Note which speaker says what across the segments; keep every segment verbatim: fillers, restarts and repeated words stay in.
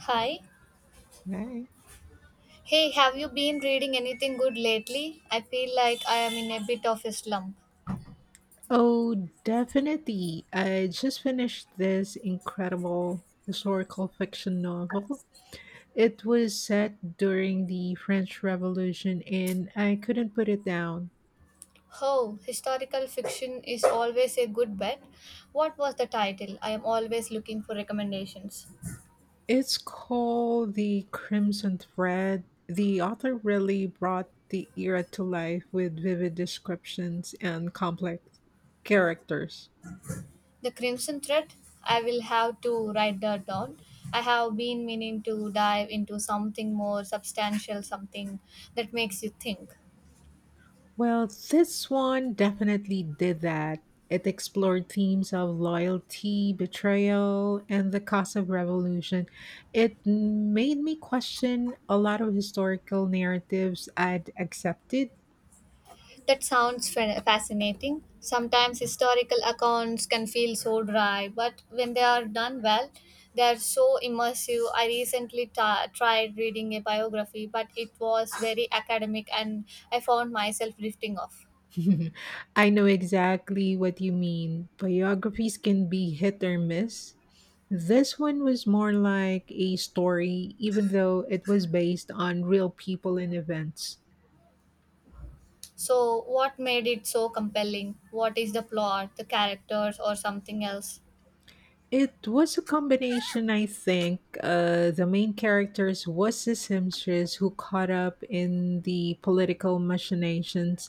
Speaker 1: Hi.
Speaker 2: Right.
Speaker 1: Hey, have you been reading anything good lately? I feel like I am in a bit of a slump.
Speaker 2: Oh, definitely. I just finished this incredible historical fiction novel. It was set during the French Revolution and I couldn't put it down.
Speaker 1: Oh, historical fiction is always a good bet. What was the title? I am always looking for recommendations.
Speaker 2: It's called The Crimson Thread. The author really brought the era to life with vivid descriptions and complex characters.
Speaker 1: The Crimson Thread? I will have to write that down. I have been meaning to dive into something more substantial, something that makes you think.
Speaker 2: Well, this one definitely did that. It explored themes of loyalty, betrayal, and the cost of revolution. It made me question a lot of historical narratives I'd accepted.
Speaker 1: That sounds fa- fascinating. Sometimes historical accounts can feel so dry, but when they are done well, they are so immersive. I recently ta tried reading a biography, but it was very academic and I found myself drifting off.
Speaker 2: I know exactly what you mean. Biographies can be hit or miss. This one was more like a story, even though it was based on real people and events.
Speaker 1: So, what made it so compelling? What is the plot, the characters, or something else?
Speaker 2: It was a combination, I think. Uh, the main characters was the seamstress who caught up in the political machinations,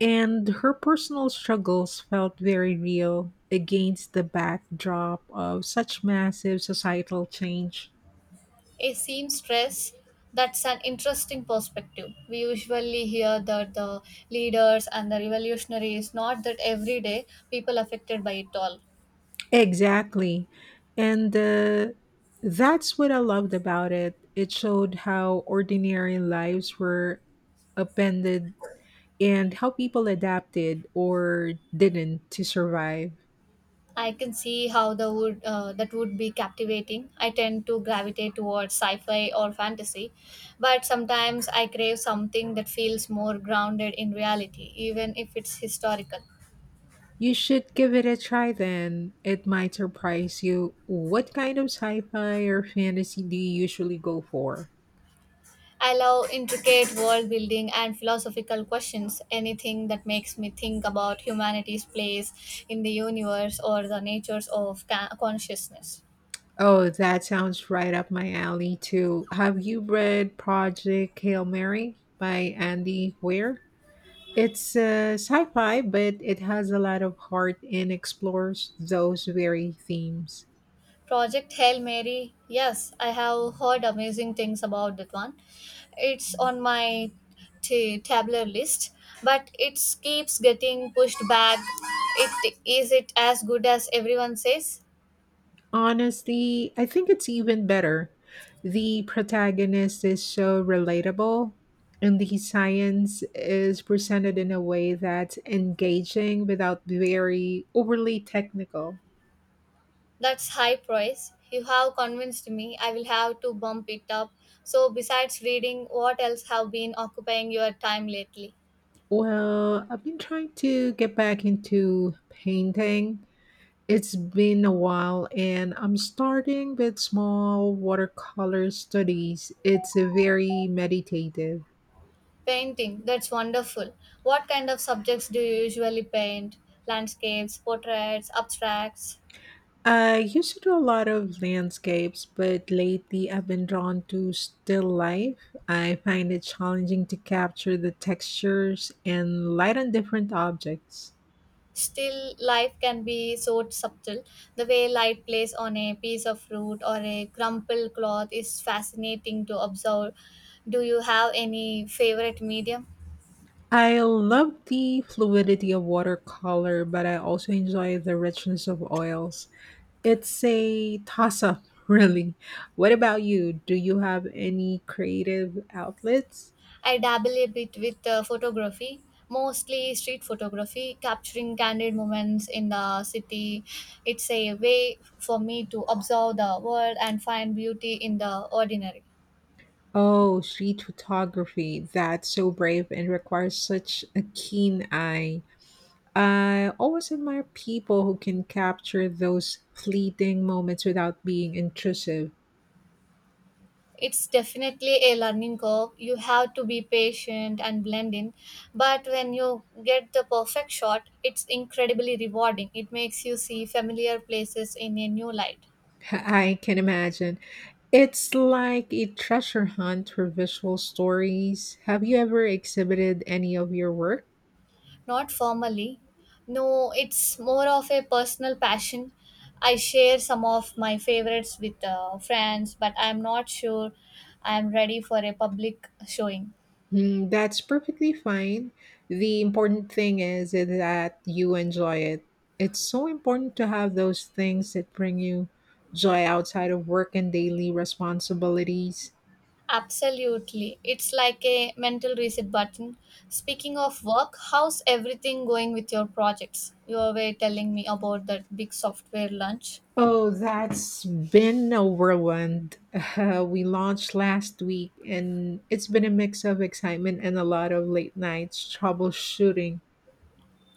Speaker 2: and her personal struggles felt very real against the backdrop of such massive societal change.
Speaker 1: A seamstress, that's an interesting perspective. We usually hear that the leaders and the revolutionaries, not that everyday people affected by it all.
Speaker 2: Exactly. And uh, that's what I loved about it. It showed how ordinary lives were upended and how people adapted or didn't to survive.
Speaker 1: I can see how the would uh, that would be captivating. I tend to gravitate towards sci-fi or fantasy, but sometimes I crave something that feels more grounded in reality, even if it's historical.
Speaker 2: You should give it a try then. It might surprise you. What kind of sci fi or fantasy do you usually go for?
Speaker 1: I love intricate world building and philosophical questions, anything that makes me think about humanity's place in the universe or the natures of ca- consciousness.
Speaker 2: Oh, that sounds right up my alley, too. Have you read Project Hail Mary by Andy Weir? It's uh, sci fi, but it has a lot of heart and explores those very themes.
Speaker 1: Project Hail Mary, yes, I have heard amazing things about that one. It's on my t- tabular list, but it keeps getting pushed back. It is, it as good as everyone says?
Speaker 2: Honestly, I think it's even better. The protagonist is so relatable, and the science is presented in a way that's engaging without very overly technical.
Speaker 1: That's high praise. You have convinced me. I will have to bump it up. So, besides reading, what else have been occupying your time lately?
Speaker 2: Well, I've been trying to get back into painting. It's been a while, and I'm starting with small watercolor studies. It's a very meditative.
Speaker 1: Painting. That's wonderful. What kind of subjects do you usually paint? Landscapes, portraits, abstracts?
Speaker 2: I used to do a lot of landscapes, but lately I've been drawn to still life. I find it challenging to capture the textures and light on different objects.
Speaker 1: Still, life can be so subtle. The way light plays on a piece of fruit or a crumpled cloth is fascinating to observe. Do you have any favorite medium?
Speaker 2: I love the fluidity of watercolor, but I also enjoy the richness of oils. It's a toss up, really. What about you? Do you have any creative outlets?
Speaker 1: I dabble a bit with uh, photography, mostly street photography, capturing candid moments in the city. It's a way for me to observe the world and find beauty in the ordinary.
Speaker 2: Oh, street photography. That's so brave and requires such a keen eye. I always admire people who can capture those fleeting moments without being intrusive.
Speaker 1: It's definitely a learning curve. You have to be patient and blend in. But when you get the perfect shot, it's incredibly rewarding. It makes you see familiar places in a new light.
Speaker 2: I can imagine. It's like a treasure hunt for visual stories. Have you ever exhibited any of your work?
Speaker 1: Not formally. No, it's more of a personal passion. I share some of my favorites with uh, friends, but I'm not sure I'm ready for a public showing.
Speaker 2: Mm, that's perfectly fine. The important thing is that you enjoy it. It's so important to have those things that bring you joy outside of work and daily responsibilities.
Speaker 1: Absolutely. It's like a mental reset button. Speaking of work, how's everything going with your projects? You were telling me about that big software launch.
Speaker 2: Oh, that's been a whirlwind. Uh, we launched last week, and it's been a mix of excitement and a lot of late nights troubleshooting.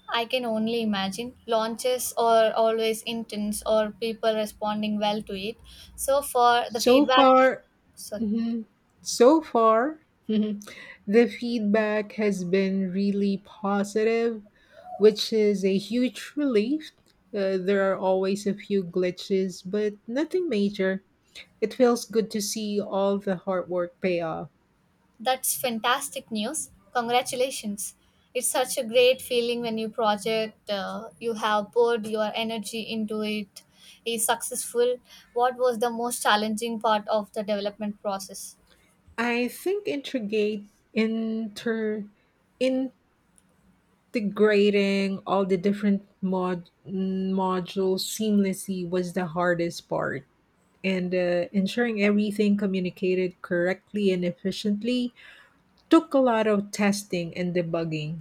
Speaker 1: I can only imagine. Launches are always intense. Or people responding well to it? So for the
Speaker 2: So
Speaker 1: feedback.
Speaker 2: far,
Speaker 1: Sorry.
Speaker 2: mhm, so far, mhm, the feedback has been really positive, which is a huge relief. Uh, there are always a few glitches, but nothing major. It feels good to see all the hard work pay off.
Speaker 1: That's fantastic news. Congratulations. It's such a great feeling when your project uh, you have poured your energy into it is successful. What was the most challenging part of the development process?
Speaker 2: I think integrate inter integrating all the different mod modules seamlessly was the hardest part. And uh, ensuring everything communicated correctly and efficiently took a lot of testing and debugging.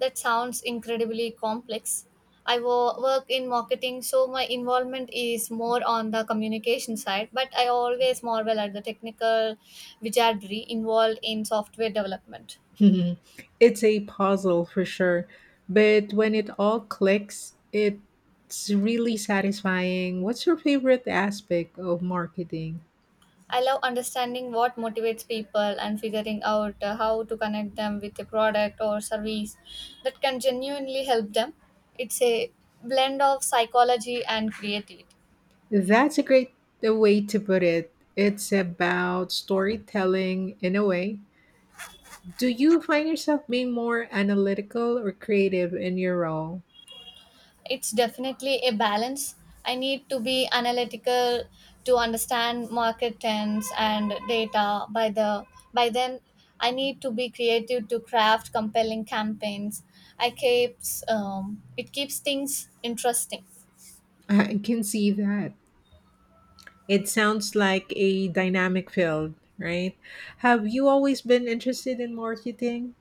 Speaker 1: That sounds incredibly complex. I wo- work in marketing, so my involvement is more on the communication side, but I always marvel at the technical wizardry involved in software development.
Speaker 2: It's a puzzle for sure, but when it all clicks, it's really satisfying. What's your favorite aspect of marketing?
Speaker 1: I love understanding what motivates people and figuring out uh, how to connect them with a product or service that can genuinely help them. It's a blend of psychology and creativity.
Speaker 2: That's a great uh, way to put it. It's about storytelling in a way. Do you find yourself being more analytical or creative in your role?
Speaker 1: It's definitely a balance. I need to be analytical to understand market trends and data, by the by then I need to be creative to craft compelling campaigns. I keeps um, it keeps things interesting.
Speaker 2: I can see that. It sounds like a dynamic field, right? Have you always been interested in marketing?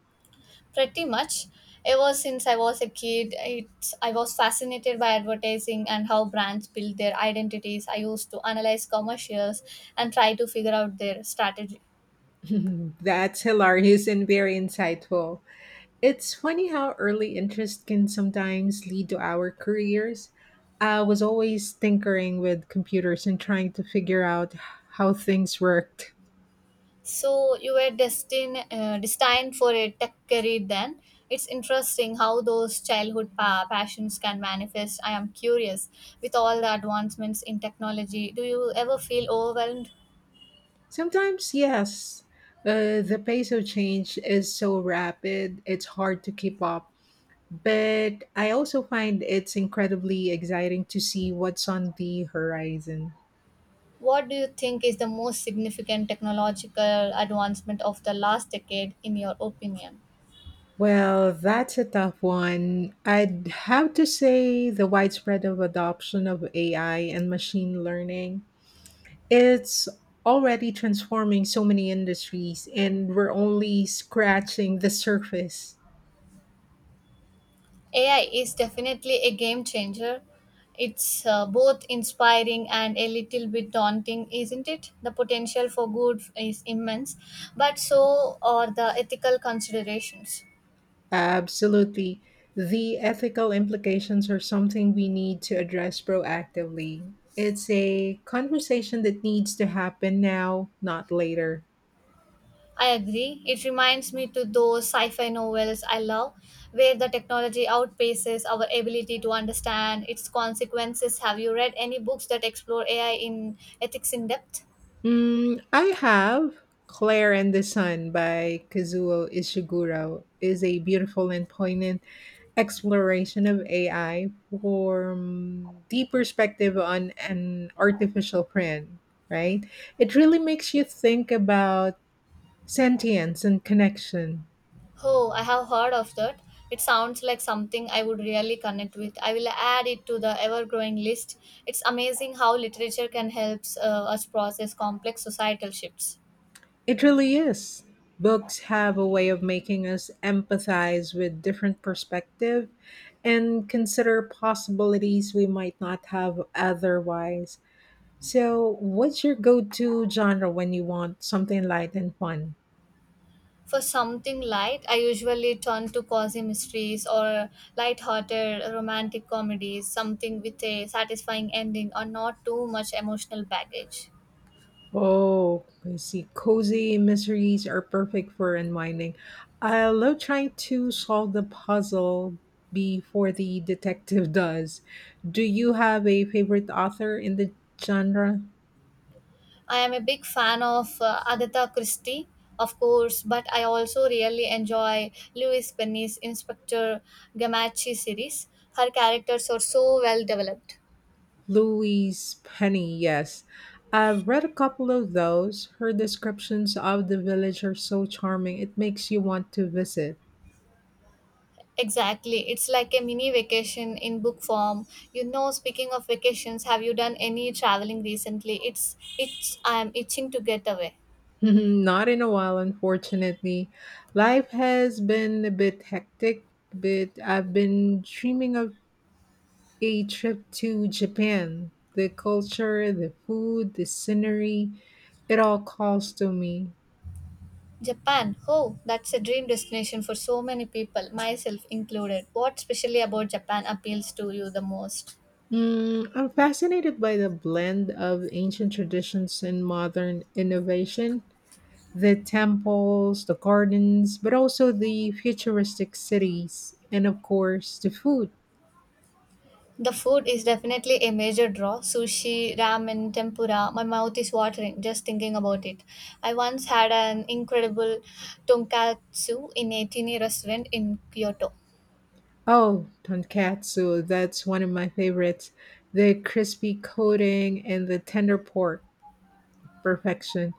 Speaker 1: Pretty much ever since I was a kid it's, I was fascinated by advertising and how brands build their identities. I used to analyze commercials and try to figure out their strategy.
Speaker 2: That's hilarious and very insightful. It's funny how early interest can sometimes lead to our careers. I was always tinkering with computers and trying to figure out how things worked.
Speaker 1: So you were destined uh, destined for a tech career then. It's interesting how those childhood pa- passions can manifest. I am curious, with all the advancements in technology, do you ever feel overwhelmed?
Speaker 2: Sometimes, yes, uh, the pace of change is so rapid, it's hard to keep up. But I also find it's incredibly exciting to see what's on the horizon.
Speaker 1: What do you think is the most significant technological advancement of the last decade, in your opinion?
Speaker 2: Well, that's a tough one. I'd have to say the widespread of adoption of A I and machine learning. It's already transforming so many industries and we're only scratching the surface.
Speaker 1: A I is definitely a game changer. It's uh, both inspiring and a little bit daunting, isn't it? The potential for good is immense, but so are the ethical considerations.
Speaker 2: Absolutely. The ethical implications are something we need to address proactively. It's a conversation that needs to happen now, not later.
Speaker 1: I agree. It reminds me to those sci-fi novels I love, where the technology outpaces our ability to understand its consequences. Have you read any books that explore A I in ethics in depth?
Speaker 2: Mm, I have Claire and the Sun by Kazuo Ishiguro is a beautiful and poignant exploration of A I from the perspective on an artificial friend, right? It really makes you think about sentience and connection.
Speaker 1: Oh, I have heard of that. It sounds like something I would really connect with. I will add it to the ever-growing list. It's amazing how literature can help uh, us process complex societal shifts.
Speaker 2: It really is. Books have a way of making us empathize with different perspective and consider possibilities we might not have otherwise. So, what's your go-to genre when you want something light and fun?
Speaker 1: For something light, I usually turn to cozy mysteries or light-hearted romantic comedies, something with a satisfying ending or not too much emotional baggage.
Speaker 2: Oh, I see. Cozy mysteries are perfect for unwinding. I love trying to solve the puzzle before the detective does. Do you have a favorite author in the genre?
Speaker 1: I am a big fan of uh, Agatha Christie, of course, but I also really enjoy Louise Penny's Inspector Gamache series. Her characters are so well developed.
Speaker 2: Louise Penny, yes. I've read a couple of those. Her descriptions of the village are so charming, it makes you want to visit.
Speaker 1: Exactly. It's like a mini vacation in book form. You know, speaking of vacations, have you done any traveling recently? It's it's I'm itching to get away.
Speaker 2: Not in a while, unfortunately. Life has been a bit hectic, but I've been dreaming of a trip to Japan. The culture, the food, the scenery, it all calls to me.
Speaker 1: Japan. Oh, that's a dream destination for so many people, myself included. What specially about Japan appeals to you the most?
Speaker 2: Mm, I'm fascinated by the blend of ancient traditions and modern innovation. The temples, the gardens, but also the futuristic cities, and of course, the food.
Speaker 1: The food is definitely a major draw. Sushi, ramen, tempura. My mouth is watering just thinking about it. I once had an incredible tonkatsu in a teeny restaurant in Kyoto.
Speaker 2: Oh, tonkatsu, that's one of my favorites. The crispy coating and the tender pork, perfection.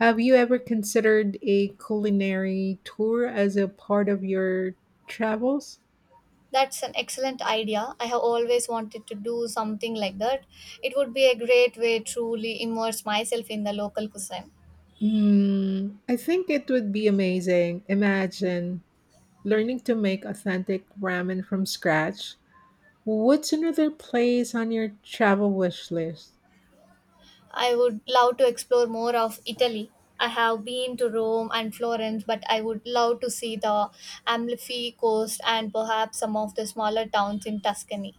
Speaker 2: Have you ever considered a culinary tour as a part of your travels?
Speaker 1: That's an excellent idea. I have always wanted to do something like that. It would be a great way truly immerse myself in the local cuisine.
Speaker 2: Mm, I think it would be amazing. Imagine learning to make authentic ramen from scratch. What's another place on your travel wish list?
Speaker 1: I would love to explore more of Italy. I have been to Rome and Florence, but I would love to see the Amalfi coast and perhaps some of the smaller towns in Tuscany.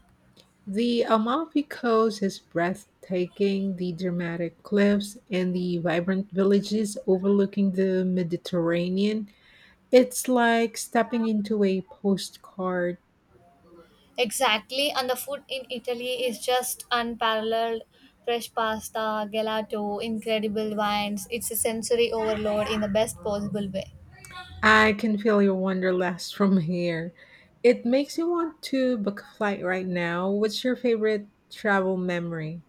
Speaker 2: The Amalfi Coast is breathtaking, the dramatic cliffs and the vibrant villages overlooking the Mediterranean. It's like stepping into a postcard.
Speaker 1: Exactly, and the food in Italy is just unparalleled. Fresh pasta, gelato, incredible wines. It's a sensory overload in the best possible way.
Speaker 2: I can feel your wanderlust from here. It makes you want to book a flight right now. What's your favorite travel memory?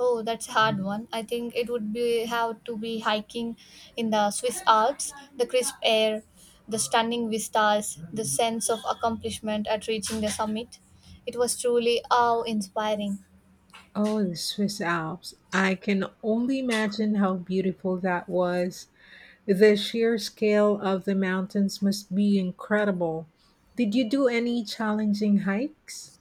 Speaker 1: Oh, that's a hard one. I think it would be have to be hiking in the Swiss Alps, the crisp air, the stunning vistas, the sense of accomplishment at reaching the summit. It was truly awe-inspiring.
Speaker 2: Oh, the Swiss Alps. I can only imagine how beautiful that was. The sheer scale of the mountains must be incredible. Did you do any challenging hikes?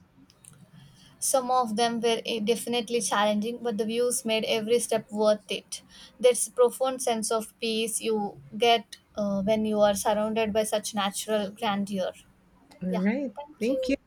Speaker 1: Some of them were eh, definitely challenging, but the views made every step worth it. There's a profound sense of peace you get uh, when you are surrounded by such natural grandeur.
Speaker 2: All
Speaker 1: Yeah,
Speaker 2: right.
Speaker 1: thank
Speaker 2: Thank you.
Speaker 1: you.